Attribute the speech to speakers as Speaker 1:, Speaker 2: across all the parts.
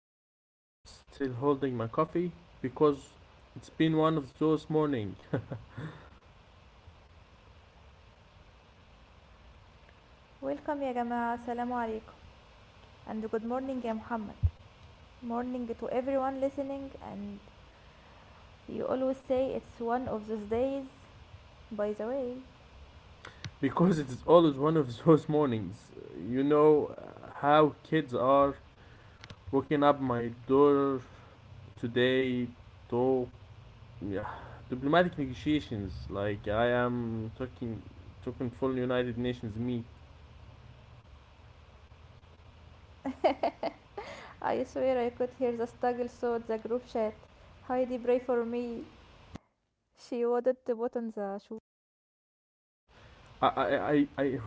Speaker 1: I am Muhammad, still holding my coffee because it's been one of those mornings.
Speaker 2: Welcome يا جماعة السلام عليكم, and good morning يا محمد. Morning to everyone listening. And you always say it's one of those days, by the way.
Speaker 1: Because it's always one of those mornings. You know how kids are waking up my daughter today to, yeah, diplomatic negotiations. Like I am talking full United Nations me.
Speaker 2: I swear I could hear the struggle through the group chat. Heidi, pray for me, she wanted to put on the shoe.
Speaker 1: I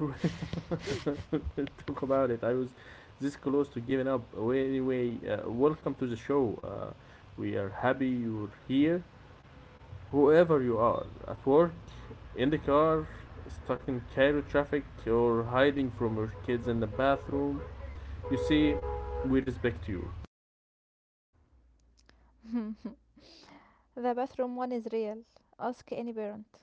Speaker 1: talk about it. I was this close to giving up. Well, anyway, welcome to the show. We are happy you're here, whoever you are, at work, in the car, stuck in Cairo traffic, or hiding from your kids in the bathroom. You see, we respect you.
Speaker 2: The bathroom one is real. Ask any parent.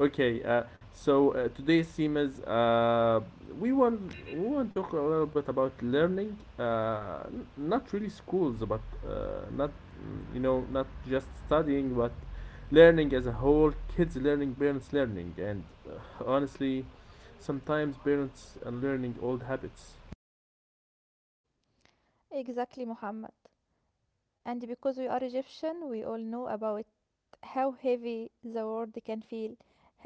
Speaker 1: Okay, so today's theme is, we want we want to talk a little bit about learning, not really schools, but not mm, you know not just studying, but learning as a whole. Kids learning, parents learning, and honestly, sometimes parents are learning old habits.
Speaker 2: Exactly, Muhammad. And because we are Egyptian, we all know about how heavy the word can feel.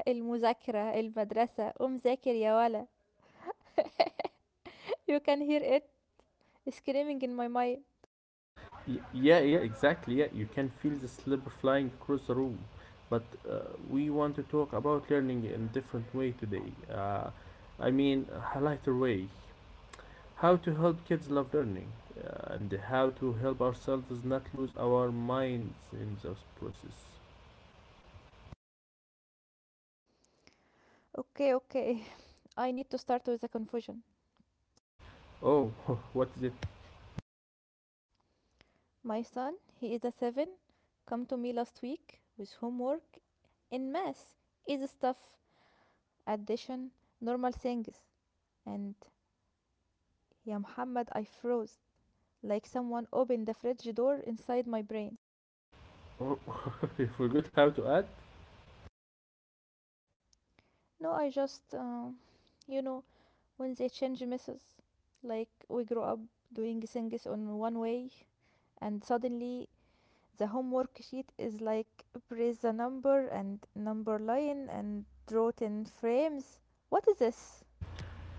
Speaker 2: المذاكرة المدرسة قوم ذاكر يا ولا. You can hear it screaming in my mind.
Speaker 1: Yeah, yeah, exactly. Yeah, you can feel the slipper flying across the room, but uh, we want to talk about learning in different way today. I mean, a lighter way, how to help kids love learning and how to help ourselves not lose our minds in this process.
Speaker 2: Okay, okay. I need to start with a confusion.
Speaker 1: Oh, what is it?
Speaker 2: My son, he is a seven, come to me last week with homework in math. Easy stuff, addition, normal things. And يا محمد, I froze, like someone opened the fridge door inside my brain.
Speaker 1: Oh, we forgot how to add?
Speaker 2: No, I just, you know, when they change messes, like we grow up doing things on one way, and suddenly the homework sheet is like press the number and number line and draw 10 frames. What is this?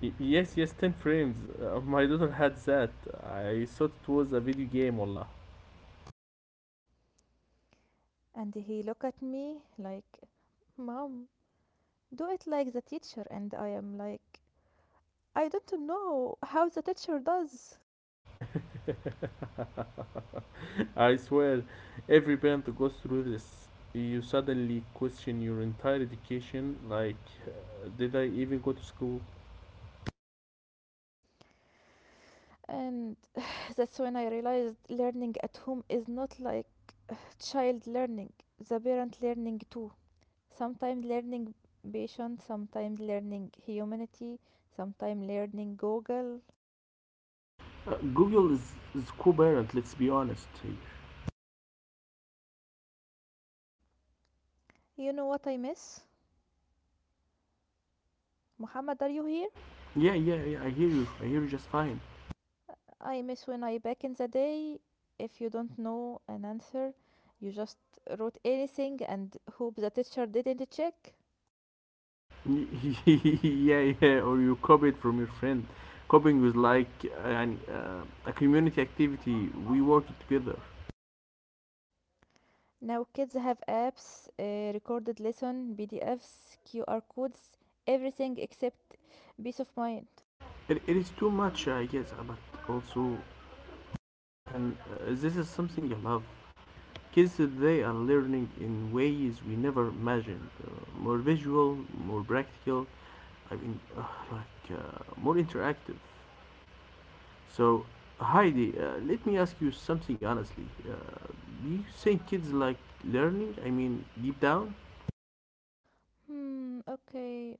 Speaker 1: Yes, yes, 10 frames. My daughter had that. I thought it was a video game, wallah.
Speaker 2: And he look at me like, Mom, do it like the teacher. And I am like, I don't know how the teacher does.
Speaker 1: I swear, every parent goes through this. You suddenly question your entire education, like, did I even go to school?
Speaker 2: And that's when I realized learning at home is not like child learning, the parent learning too. Sometimes learning patience, sometimes learning humanity, sometimes learning Google.
Speaker 1: Google is co-parent, let's be honest here.
Speaker 2: You know what I miss? Muhammad, are you here?
Speaker 1: Yeah, yeah, yeah. I hear you. I hear you just fine.
Speaker 2: I miss when I back in the day, if you don't know an answer, you just wrote anything and hope the teacher didn't check.
Speaker 1: Yeah, yeah. Or you copy it from your friend. Copying was like a community activity. We worked together.
Speaker 2: Now kids have apps, recorded lesson PDFs, QR codes, everything except peace of mind.
Speaker 1: It is too much, I guess, but also, and this is something I love. Kids today are learning in ways we never imagined. More visual, more practical. I mean, yeah, more interactive. So, Heidi, let me ask you something honestly. Do you think kids like learning? I mean, deep down,
Speaker 2: Hmm, okay.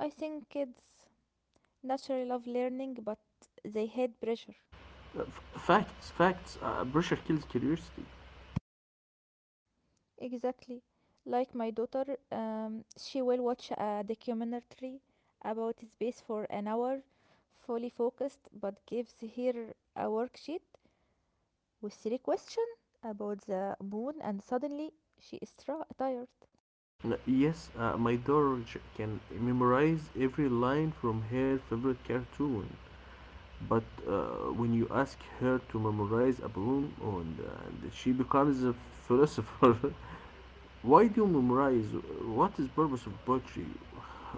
Speaker 2: I think kids naturally love learning, but they hate pressure.
Speaker 1: uh, f- facts, facts. Pressure kills curiosity.
Speaker 2: Exactly. Like my daughter, she will watch a documentary about space for an hour, fully focused, but gives her a worksheet with three questions about the moon, and suddenly she is tired.
Speaker 1: Yes, my daughter can memorize every line from her favorite cartoon. But when you ask her to memorize a poem, and she becomes a philosopher. Why do you memorize? What is purpose of poetry?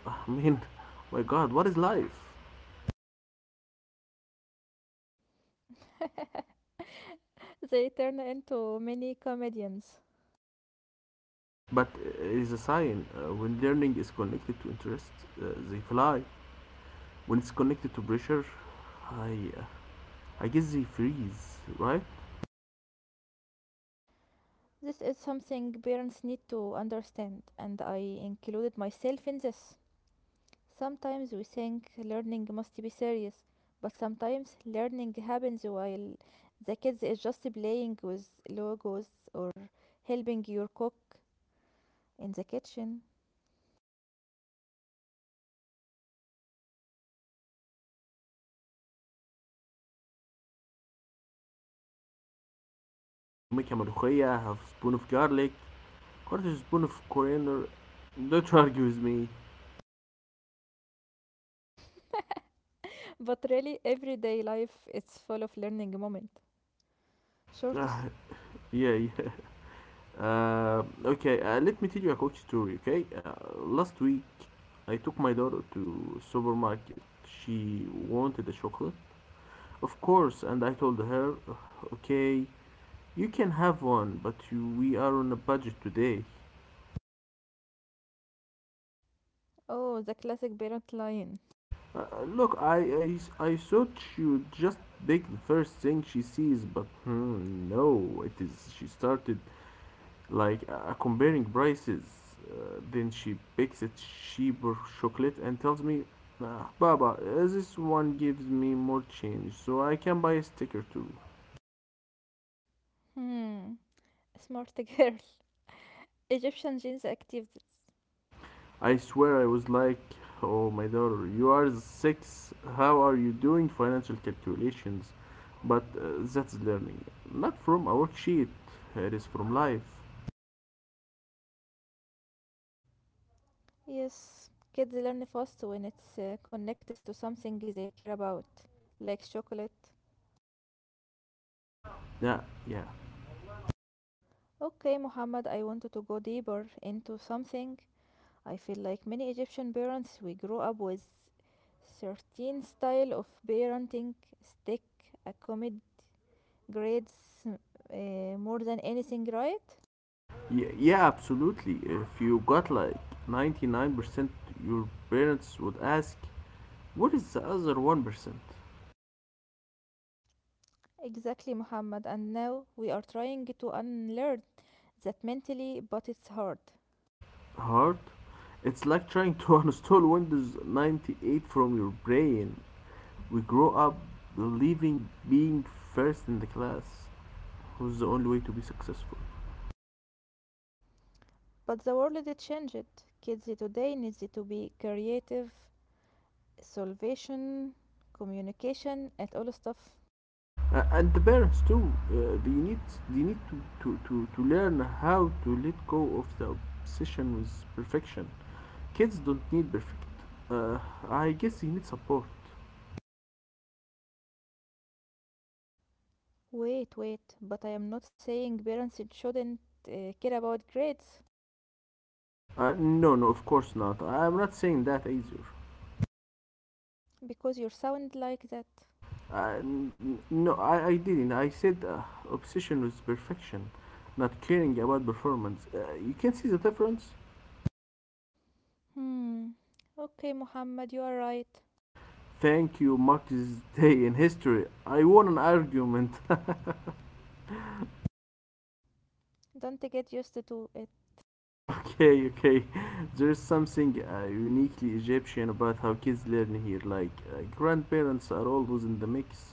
Speaker 1: I mean, my God, what is life?
Speaker 2: They turn into mini comedians.
Speaker 1: But it is a sign when learning is connected to interest, they fly. When it's connected to pressure, i uh, I guess they freeze, right?
Speaker 2: This is something parents need to understand, and I included myself in this. Sometimes we think learning must be serious, but sometimes learning happens while the kids is just playing with logos or helping your cook in the kitchen.
Speaker 1: uh Teaching fractions through. But uh, that's the Egyptian way. You know, when you make a ملوخية, have a spoon of garlic, quarter spoon of coriander. Don't argue with me.
Speaker 2: But really, everyday life is full of learning moment.
Speaker 1: Ah,
Speaker 2: Shortest.
Speaker 1: yeah, yeah. Okay, let me tell you a quick story, okay? Last week, I took my daughter to supermarket. She, of course, and I told her, okay, you can have one, but we are on a budget today.
Speaker 2: Oh, the classic parent line.
Speaker 1: Look, I thought you would just pick the first thing she sees, but no, it is. She started like comparing prices. Then she picks a cheaper chocolate and tells me, "Ah, Baba, this one gives me more change, so I can buy a sticker too."
Speaker 2: Hmm, smart girl. Egyptian genes activities.
Speaker 1: I swear I was like, oh my daughter, you are 6. How are you doing financial calculations? But that's learning, not from a worksheet. It is from life.
Speaker 2: Yes, kids learn fast when it's connected to something they care about, like chocolate.
Speaker 1: Yeah, yeah,
Speaker 2: Okay, Muhammad, I wanted to go deeper into something. I feel like many Egyptian parents, we grow up with certain style of parenting, stick, accommodate grades more than anything, right?
Speaker 1: yeah, yeah. Absolutely. If you got like 99%, your parents would ask, "What is the other 1%?"
Speaker 2: Exactly, Muhammad. And now we are trying to unlearn that mentally, but it's hard.
Speaker 1: Hard. It's like trying to uninstall Windows 98 from your brain. We grow up believing being first in the class was the only way to be successful.
Speaker 2: But the world it changed. Kids today needs to be creative, solvation, communication, and all stuff.
Speaker 1: And the parents too they need they need to learn how to let go of the obsession with perfection. Kids don't need perfect. Uh, i guess they need support.
Speaker 2: Wait, wait, but I am not saying parents shouldn't care about grades,
Speaker 1: No, no, of course not. I'm not saying that either.
Speaker 2: because you sound like that.
Speaker 1: No, I didn't. I said obsession with perfection, not caring about performance. You can see the difference.
Speaker 2: Hmm. Okay, Muhammad, you are right.
Speaker 1: Thank you. Mark this day in history. I won an argument.
Speaker 2: Don't get used to it.
Speaker 1: Okay, okay. There's something uniquely Egyptian about how kids learn here. Like, grandparents are always in the mix.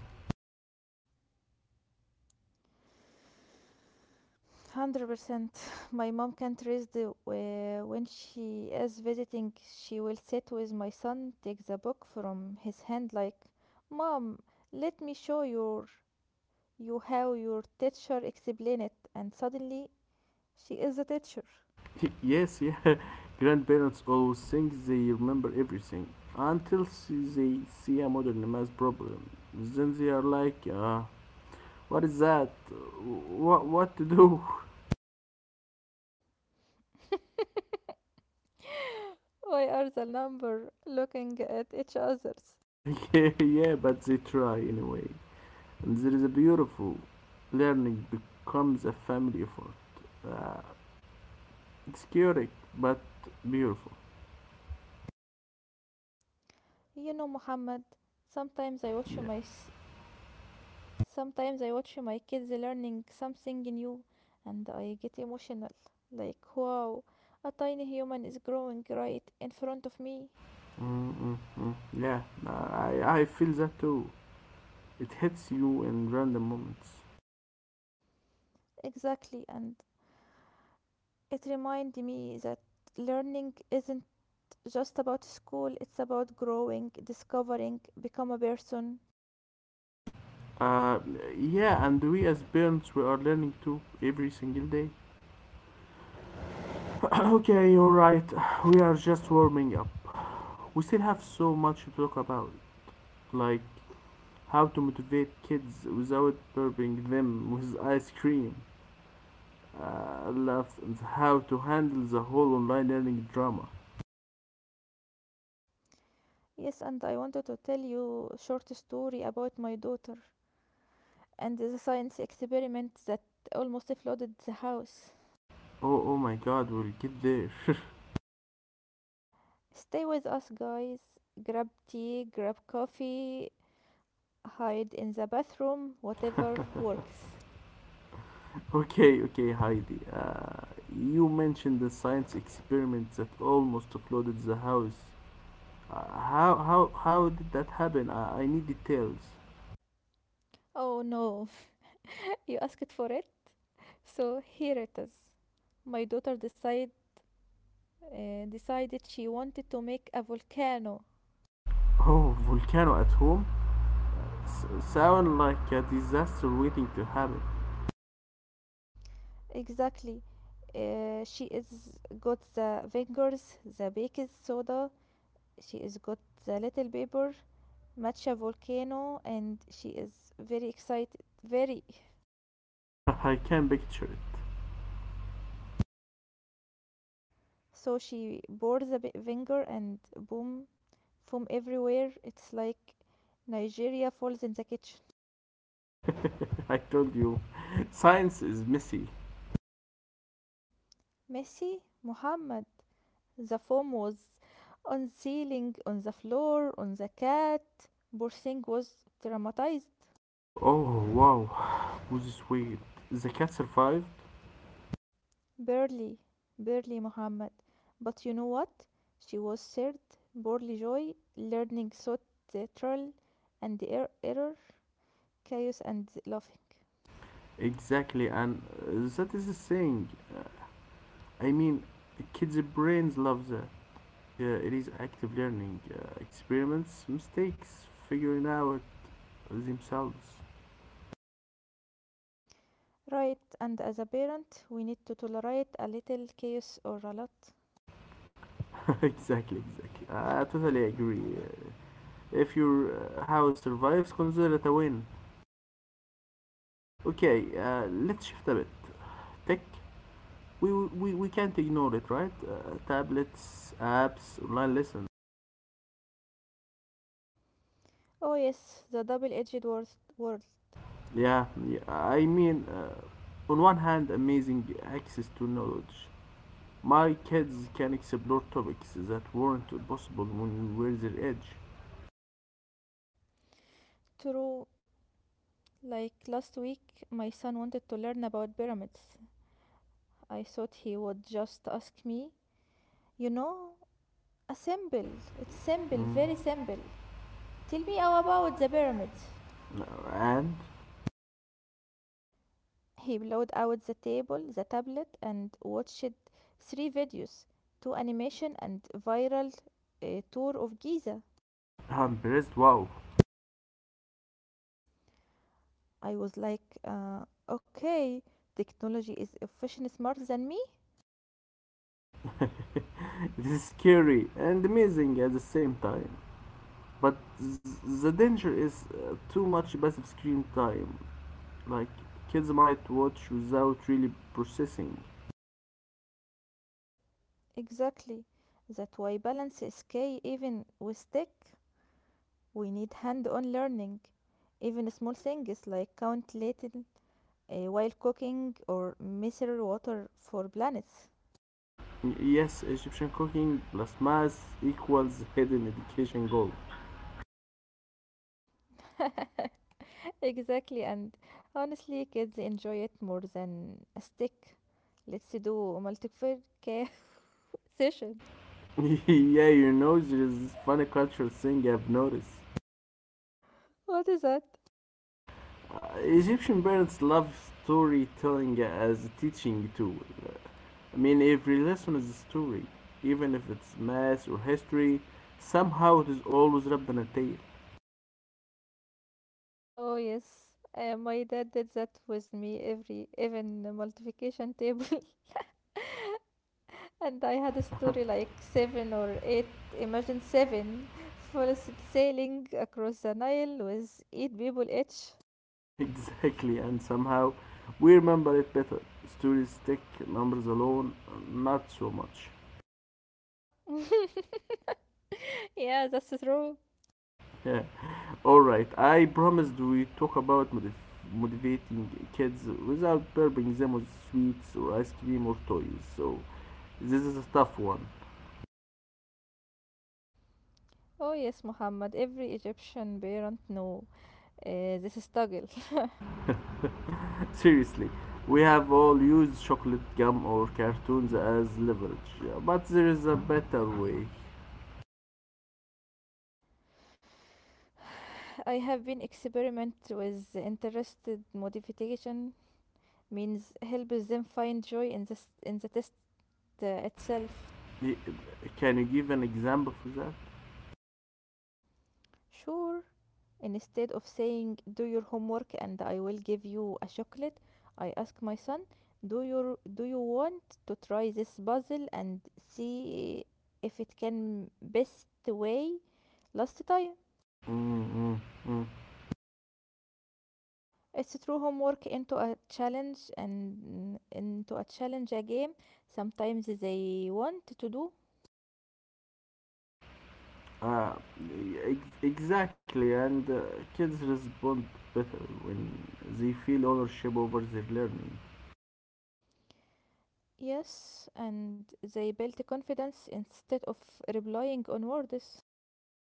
Speaker 2: 100%. My mom can't raise the. When she is visiting, she will sit with my son, take the book from his hand, like, Mom, let me show your, you how your teacher explain it. And suddenly, she is a teacher.
Speaker 1: Yes, yeah. Grandparents always think they remember everything until they see a modern math problem. Then they are like, what is that? What to do?
Speaker 2: Why are the number looking at each other's?
Speaker 1: Yeah, yeah, but they try anyway. And there is a beautiful learning becomes a family effort. Uh, it's chaotic, but beautiful.
Speaker 2: You know, Muhammad, sometimes I watch
Speaker 1: Yeah.
Speaker 2: my s- sometimes I watch my kids learning something new, and I get emotional. Like, wow, a tiny human is growing right in front of me.
Speaker 1: Mm mm mm. Yeah, I feel that too. It hits you in random moments.
Speaker 2: Exactly, and it reminded me that learning isn't just about school, it's about growing, discovering, become a person.
Speaker 1: Uh, yeah, and we as parents, we are learning too every single day. Okay, alright, we are just warming up. We still have so much to talk about, like how to motivate kids without burping them with ice cream. Left and how to handle the whole online learning drama.
Speaker 2: Yes, and I wanted to tell you a short story about my daughter and the science experiment that almost flooded the house.
Speaker 1: Oh, oh my god, we'll get there.
Speaker 2: Stay with us, guys. Grab tea, grab coffee, hide in the bathroom, whatever works.
Speaker 1: Okay, okay, Heidi. You mentioned the science experiment that almost flooded the house. Uh, how did that happen? I need details.
Speaker 2: Oh no, you asked for it? So here it is. My daughter decided she wanted to make a volcano.
Speaker 1: Oh, volcano at home? S- sound like a disaster waiting to happen.
Speaker 2: Exactly. She is got the fingers, the baking soda. She is got the little paper, Matcha volcano, and she is very excited, very.
Speaker 1: I can picture it.
Speaker 2: So she pours a bit vinegar, and boom, foam everywhere. It's like Nigeria falls in the kitchen.
Speaker 1: I told you, science is messy.
Speaker 2: Messi, Muhammad. The foam was on the ceiling, on the floor, on the cat. Poor thing was traumatized.
Speaker 1: Oh, wow, was this weird. The cat survived?
Speaker 2: Barely, barely, Muhammad. But you know what, she was served poorly joy learning. So theatrical, and error, chaos, and laughing.
Speaker 1: Exactly, and that is the saying. Uh, I mean, kids' brains love that. It is active learning. Experiments, mistakes, figuring out themselves.
Speaker 2: Right, and as a parent, we need to tolerate a little chaos, or a lot.
Speaker 1: Exactly, exactly. I totally agree. If your house survives, consider it a win. Okay, let's shift a bit. Tech, we can't ignore it, right? Tablets, apps, online lessons.
Speaker 2: Oh, yes, the double edged word.
Speaker 1: Yeah, yeah, I mean, on one hand, amazing access to knowledge. My kids can explore topics that weren't possible when we were their age.
Speaker 2: True, like last week, my son wanted to learn about pyramids. I thought he would just ask me, you know, a symbol. It's simple, very simple. Tell me all about the pyramids.
Speaker 1: Uh, And
Speaker 2: He blowed out the table, the tablet, and watched three videos, two animation, and viral tour of Giza.
Speaker 1: I'm impressed. Wow,
Speaker 2: I was like, okay, technology is efficient smarter than me.
Speaker 1: this is scary and amazing at the same time. But the danger is too much passive screen time. Like kids might watch without really processing.
Speaker 2: Exactly. That why balance is key even with tech. We need hand on learning. Even small things like count little while cooking or measure water for planets.
Speaker 1: Yes, Egyptian cooking plus math equals hidden education goal.
Speaker 2: Exactly, and honestly, kids enjoy it more than a stick. Let's do multiplication. Session.
Speaker 1: Yeah, there is this funny culture thing I've noticed.
Speaker 2: What is that?
Speaker 1: Egyptian parents love storytelling as a teaching tool. I mean, every lesson is a story, even if it's math or history. Somehow it is always wrapped in a tale.
Speaker 2: Oh yes, my dad did that with me every even the multiplication table, and I had a story like seven or eight. Imagine seven full sailing across the Nile with eight people each.
Speaker 1: Exactly, and somehow we remember it better. Stories stick, numbers alone, not so much.
Speaker 2: Yeah, that's true.
Speaker 1: Yeah. All right. I promised we talk about motivating kids without burping them with sweets or ice cream or toys. So this is a tough one.
Speaker 2: Oh yes, Muhammad. Every Egyptian parent know this struggle.
Speaker 1: Seriously, we have all used chocolate gum or cartoons as leverage, yeah, but there is a better way.
Speaker 2: I have been experiment with interested modification means helps them find joy in this in the test itself.
Speaker 1: Y- Can you give an example for that?
Speaker 2: Sure, instead of saying do your homework and I will give you a chocolate, I ask my son, do you want to try this puzzle and see if it can best way last time?
Speaker 1: Mm, mm, mm.
Speaker 2: It's through homework into a challenge and into a challenge a game. Sometimes they want to do.
Speaker 1: Uh, exactly, and kids respond better when they feel ownership over their learning.
Speaker 2: Yes, and they built confidence instead of relying on words.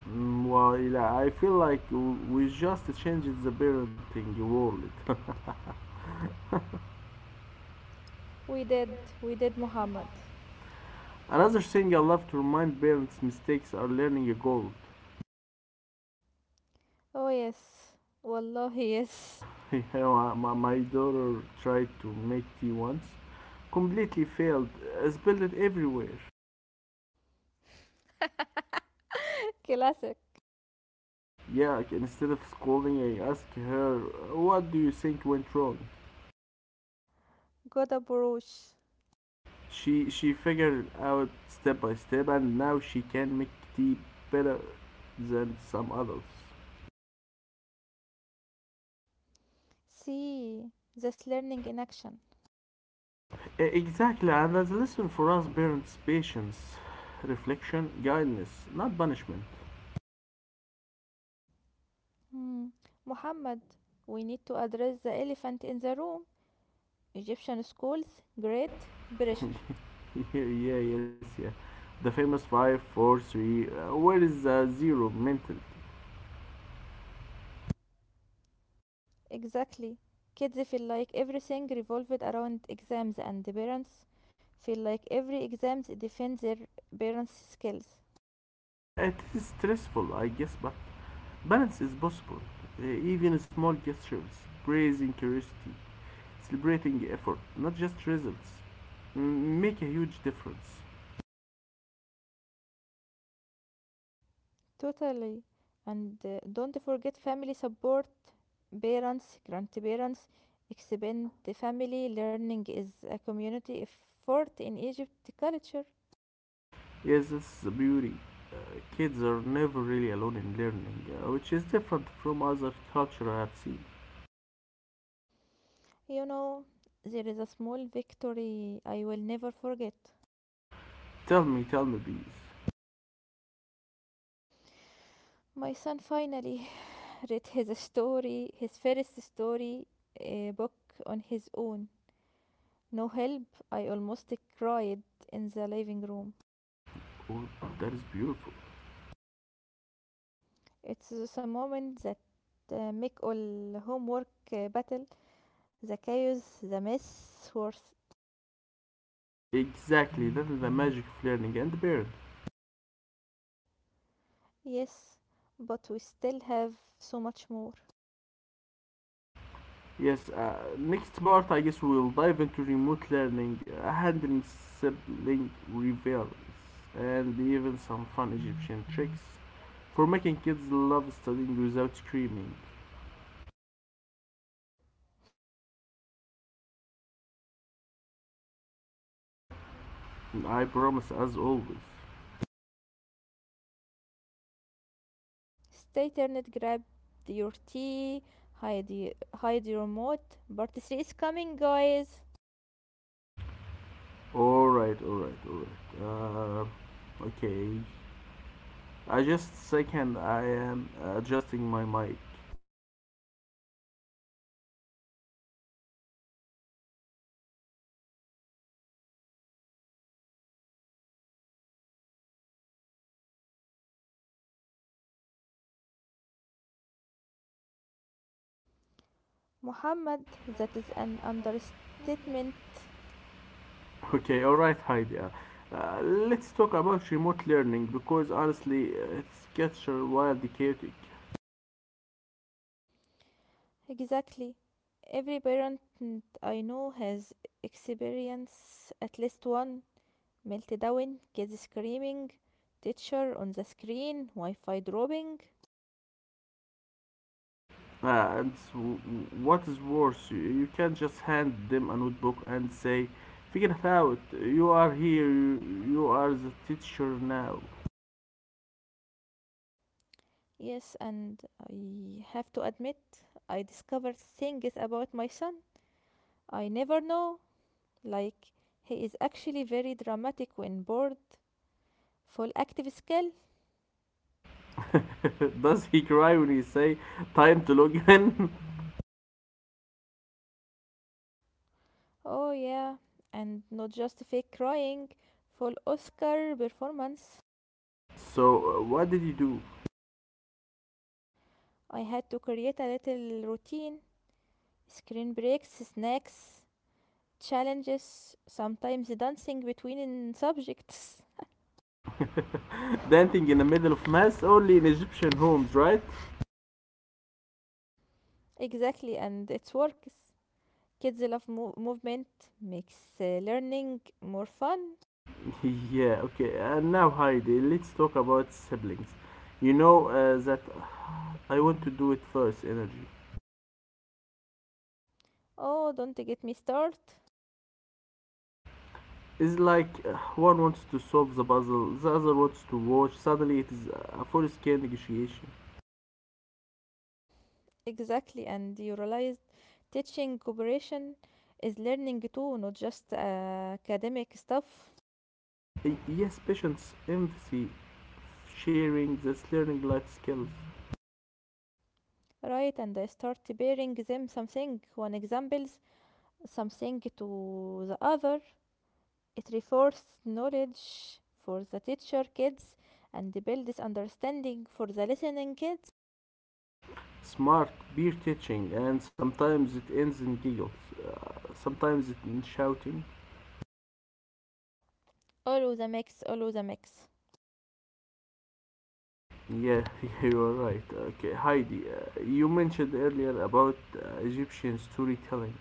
Speaker 1: Mm, well, yeah, I feel like we just changed the parenting world.
Speaker 2: We did, Muhammad.
Speaker 1: Another thing I love to remind parents mistakes are learning goals.
Speaker 2: Oh, yes. Wallahi, yes.
Speaker 1: My daughter tried to make tea once, completely failed, spilled it everywhere.
Speaker 2: Classic.
Speaker 1: Yeah, like, instead of scolding, I asked her, "What do you think went wrong?"
Speaker 2: Good approach.
Speaker 1: She figured it out step by step, and now she can make tea better than some adults.
Speaker 2: See, this learning in action.
Speaker 1: Exactly, and as a lesson for us parents, patience, reflection, guidance, not punishment.
Speaker 2: Hmm. Muhammad, we need to address the elephant in the room. Egyptian schools, great pressure.
Speaker 1: Yeah, yeah, yes, yeah. The famous five, four, three. Where is the zero mental?
Speaker 2: Exactly. Kids feel like everything revolved around exams, and the parents feel like every exam defends their parents' skills.
Speaker 1: It is stressful, I guess, but balance is possible. Even small gestures, praising curiosity, celebrating effort, not just results, make a huge difference.
Speaker 2: Totally. And don't forget family support. Parents, grandparents, extended family learning is a community effort in Egypt culture.
Speaker 1: Yes, that's the beauty. Kids are never really alone in learning, which is different from other culture I have seen.
Speaker 2: You know, there is a small victory I will never forget.
Speaker 1: Tell me, please.
Speaker 2: My son finally read his story, his first story book on his own. No help, I almost cried in the living room.
Speaker 1: Oh, that is beautiful.
Speaker 2: It's the moment that make all homework battle, the chaos, the mess worse.
Speaker 1: Exactly, that is the magic of learning and parents.
Speaker 2: Yes, but we still have so much more.
Speaker 1: Yes, next part I guess we will dive into remote learning, handling sibling rivalries, and even some fun Egyptian tricks for making kids love studying without screaming.
Speaker 2: It's going to be fun, and maybe messy.
Speaker 1: And I promise, as always.
Speaker 2: Stay turned, grab your tea, hide, hide your remote. Part 3 is coming, guys!
Speaker 1: Alright, alright, alright. Okay. I just second I am adjusting my mic.
Speaker 2: Chaos, Muhammad, that is an understand moment. Muhammad, that is an understatement.
Speaker 1: Okay, alright, Heidi. Uh, let's talk about remote learning because honestly, it's gets wildly chaotic.
Speaker 2: Exactly. Every parent I know has experienced at least one meltdown, kids screaming, teacher on the screen, Wi Fi dropping.
Speaker 1: And what is worse, you can't just hand them a notebook and say, figure it out, you are here, you are the teacher now.
Speaker 2: Yes, and I have to admit, I discovered things about my son I never know, like he is actually very dramatic when bored. Full active skill.
Speaker 1: Does he cry when he say, time to log in?
Speaker 2: Oh, yeah. And not just fake crying. Full Oscar performance.
Speaker 1: So, what did you do?
Speaker 2: I had to create a little routine, screen breaks, snacks, challenges, sometimes dancing between subjects.
Speaker 1: Dancing in the middle of mass only in Egyptian homes, right?
Speaker 2: Exactly, and it works. Kids love movement, makes learning more fun.
Speaker 1: Yeah, okay, and now Heidi, let's talk about siblings. You know that I want to do it first, energy.
Speaker 2: Oh, don't get me started.
Speaker 1: It's like one wants to solve the puzzle, the other wants to watch. Suddenly, it is a full-scale negotiation.
Speaker 2: Exactly, and you realized teaching cooperation is learning too, not just academic stuff.
Speaker 1: Yes patience, empathy, sharing, that's learning life skills.
Speaker 2: Right, and I start bearing them something, one examples, something to the other. It reinforces knowledge for the teacher kids and builds understanding for the listening kids.
Speaker 1: Smart, peer teaching, and sometimes it ends in giggles. Sometimes it in shouting.
Speaker 2: All of the mix, all of the mix.
Speaker 1: Yeah, you are right. Okay, Heidi, you mentioned earlier about Egyptian storytelling.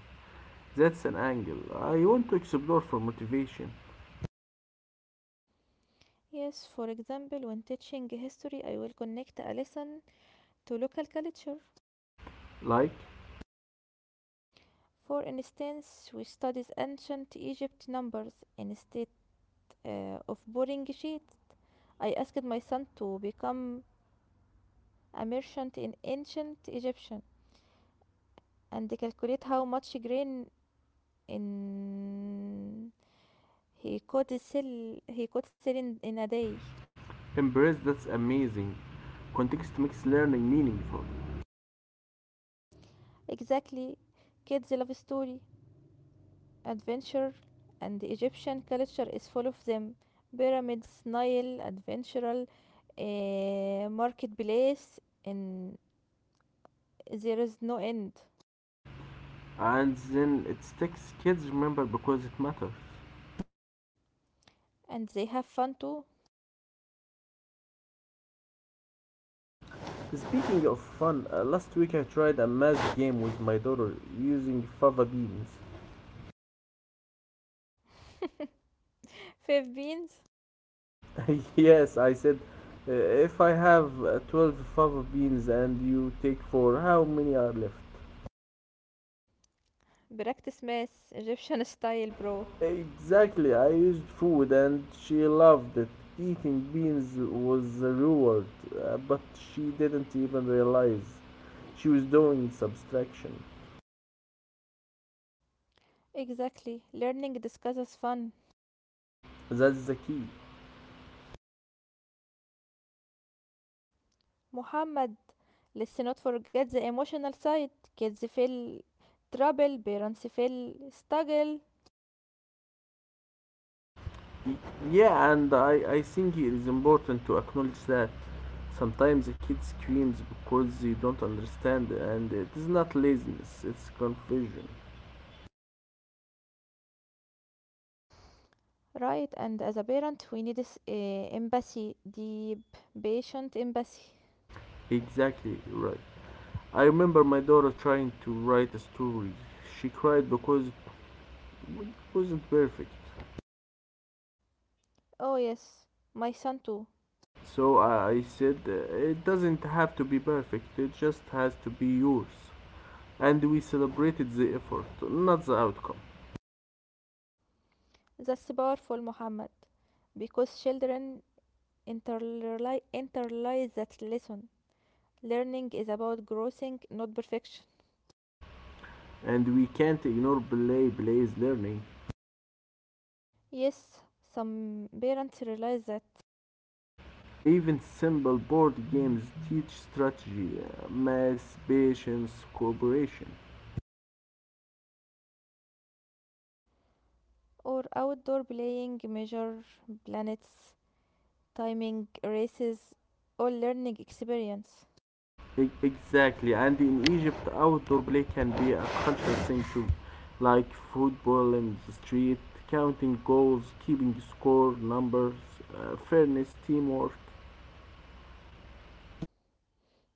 Speaker 1: That's an angle I want to explore for motivation.
Speaker 2: Yes, for example, when teaching history, I will connect a lesson to local culture.
Speaker 1: Like,
Speaker 2: For instance, we studied ancient Egypt numbers instead of boring sheets. I asked my son to become a merchant in ancient Egyptian and calculate how much grain in he could sell in a day.
Speaker 1: embrace that's amazing. Context makes learning meaningful,
Speaker 2: Exactly, kids love story, adventure, and the Egyptian culture is full of them. Pyramids, Nile, adventural, marketplace, in there is no end.
Speaker 1: and then it sticks. Kids remember because it matters.
Speaker 2: And they have fun too.
Speaker 1: Speaking of fun, last week I tried a math game with my daughter using fava beans.
Speaker 2: Five beans.
Speaker 1: Yes, I said, if I have 12 fava beans and you take 4, how many are left?
Speaker 2: Practice math, Egyptian style, bro.
Speaker 1: Exactly, I used food and she loved it. Eating beans was a reward, but she didn't even realize she was doing subtraction.
Speaker 2: Exactly, learning discusses fun.
Speaker 1: That's the key.
Speaker 2: Muhammad, let's not forget the emotional side. Kids feel trouble, parents feel struggle,
Speaker 1: Yeah, and I think it is important to acknowledge that sometimes a kid screams because they don't understand, and it is not laziness, it's confusion.
Speaker 2: right? And as a parent, we need this empathy, deep, patient empathy.
Speaker 1: Exactly right. I remember my daughter trying to write a story. She cried because it wasn't perfect.
Speaker 2: Oh, yes, my son too.
Speaker 1: So I said, it doesn't have to be perfect, it just has to be yours. And we celebrated the effort, not the outcome.
Speaker 2: That's powerful, Muhammad, because children internalize that lesson. Learning is about growing, not perfection.
Speaker 1: And we can't ignore play Belay's learning.
Speaker 2: Yes, some parents realize that.
Speaker 1: Even simple board games teach strategy, math, patience, cooperation.
Speaker 2: Or outdoor playing, measure planets, timing races, all learning experience.
Speaker 1: Exactly, and in Egypt, outdoor play can be a cultural thing too, like football in the street, counting goals, keeping score, numbers, fairness, teamwork.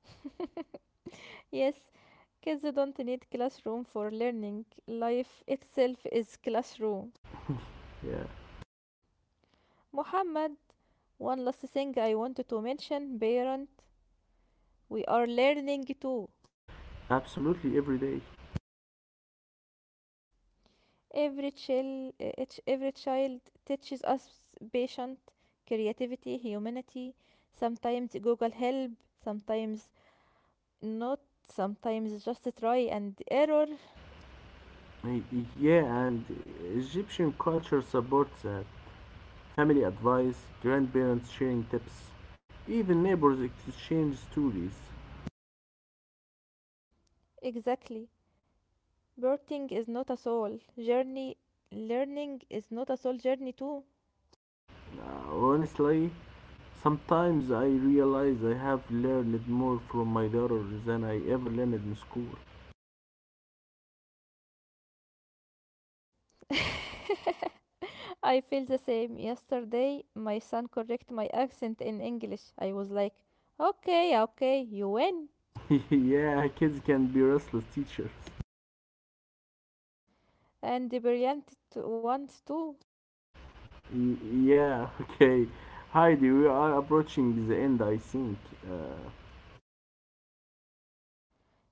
Speaker 2: Yes, kids don't need classroom for learning. Life itself is classroom.
Speaker 1: Yeah,
Speaker 2: Muhammad, one last thing I wanted to mention, parent, we are learning too.
Speaker 1: absolutely every day.
Speaker 2: Every child teaches us patience, creativity, humanity. Sometimes Google help, sometimes not, sometimes just try and error.
Speaker 1: Y- Yeah, and Egyptian culture supports that. Family advice, grandparents sharing tips, even neighbors exchange stories.
Speaker 2: Exactly. Birthing is not a soul journey. Learning is not a soul journey too.
Speaker 1: Nah, honestly, sometimes I realize I have learned more from my daughter than I ever learned in school.
Speaker 2: I feel the same. Yesterday, my son correct my accent in English. I was like, "Okay, okay, you win."
Speaker 1: Yeah, kids can be restless teachers.
Speaker 2: And the brilliant ones too.
Speaker 1: Y- yeah, okay. Heidi, we are approaching the end, I think. Uh,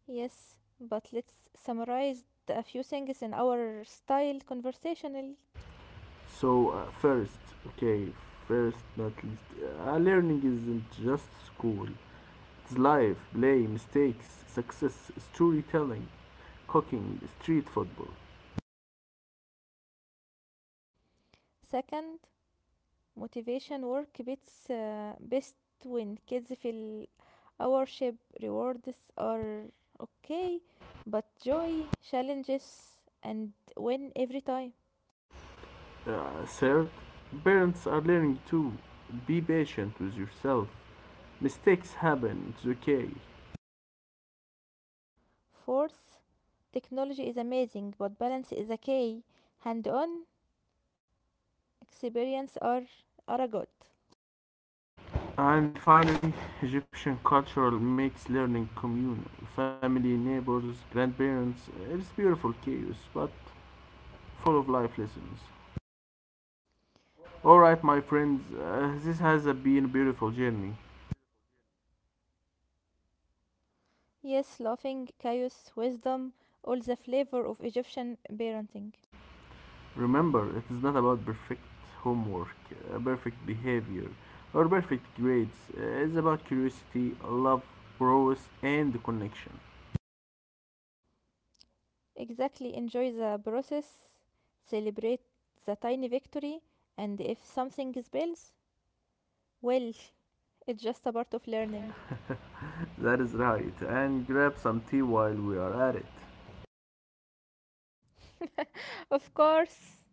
Speaker 2: Yes, but let's summarize a few things in our style conversational.
Speaker 1: so, first, okay, first, not least, learning isn't just school. It's life, play, mistakes, success, storytelling, cooking, street football.
Speaker 2: Second, motivation work beats best when kids feel our rewards are okay, but joy, challenges, and win every time.
Speaker 1: Third, parents are learning too. Be patient with yourself. Mistakes happen, it's okay.
Speaker 2: Fourth, technology is amazing, but balance is a key. Hand on experience are a good.
Speaker 1: And finally, Egyptian culture makes learning communal. Family, neighbors, grandparents, it's beautiful chaos, but full of life lessons. Alright, my friends, this has been a beautiful journey.
Speaker 2: Yes, laughing, chaos, wisdom, all the flavor of Egyptian parenting.
Speaker 1: Remember, it is not about perfect homework, perfect behavior, or perfect grades. It's about curiosity, love, growth, and connection.
Speaker 2: Exactly, enjoy the process, celebrate the tiny victory, and if something spills, well, it's just a part of learning.
Speaker 1: That is right. And grab some tea while we are at it.
Speaker 2: Of course.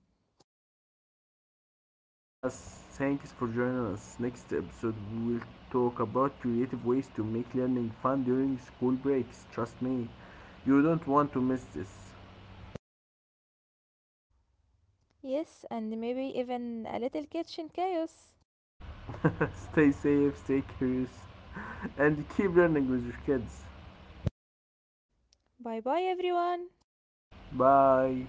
Speaker 1: Thanks for joining us. Next episode, we will talk about creative ways to make learning fun during school breaks. Trust me, you don't want to miss this.
Speaker 2: Yes, and maybe even a little kitchen chaos.
Speaker 1: Stay safe, stay curious, and keep learning with your kids.
Speaker 2: Bye bye, everyone.
Speaker 1: Bye.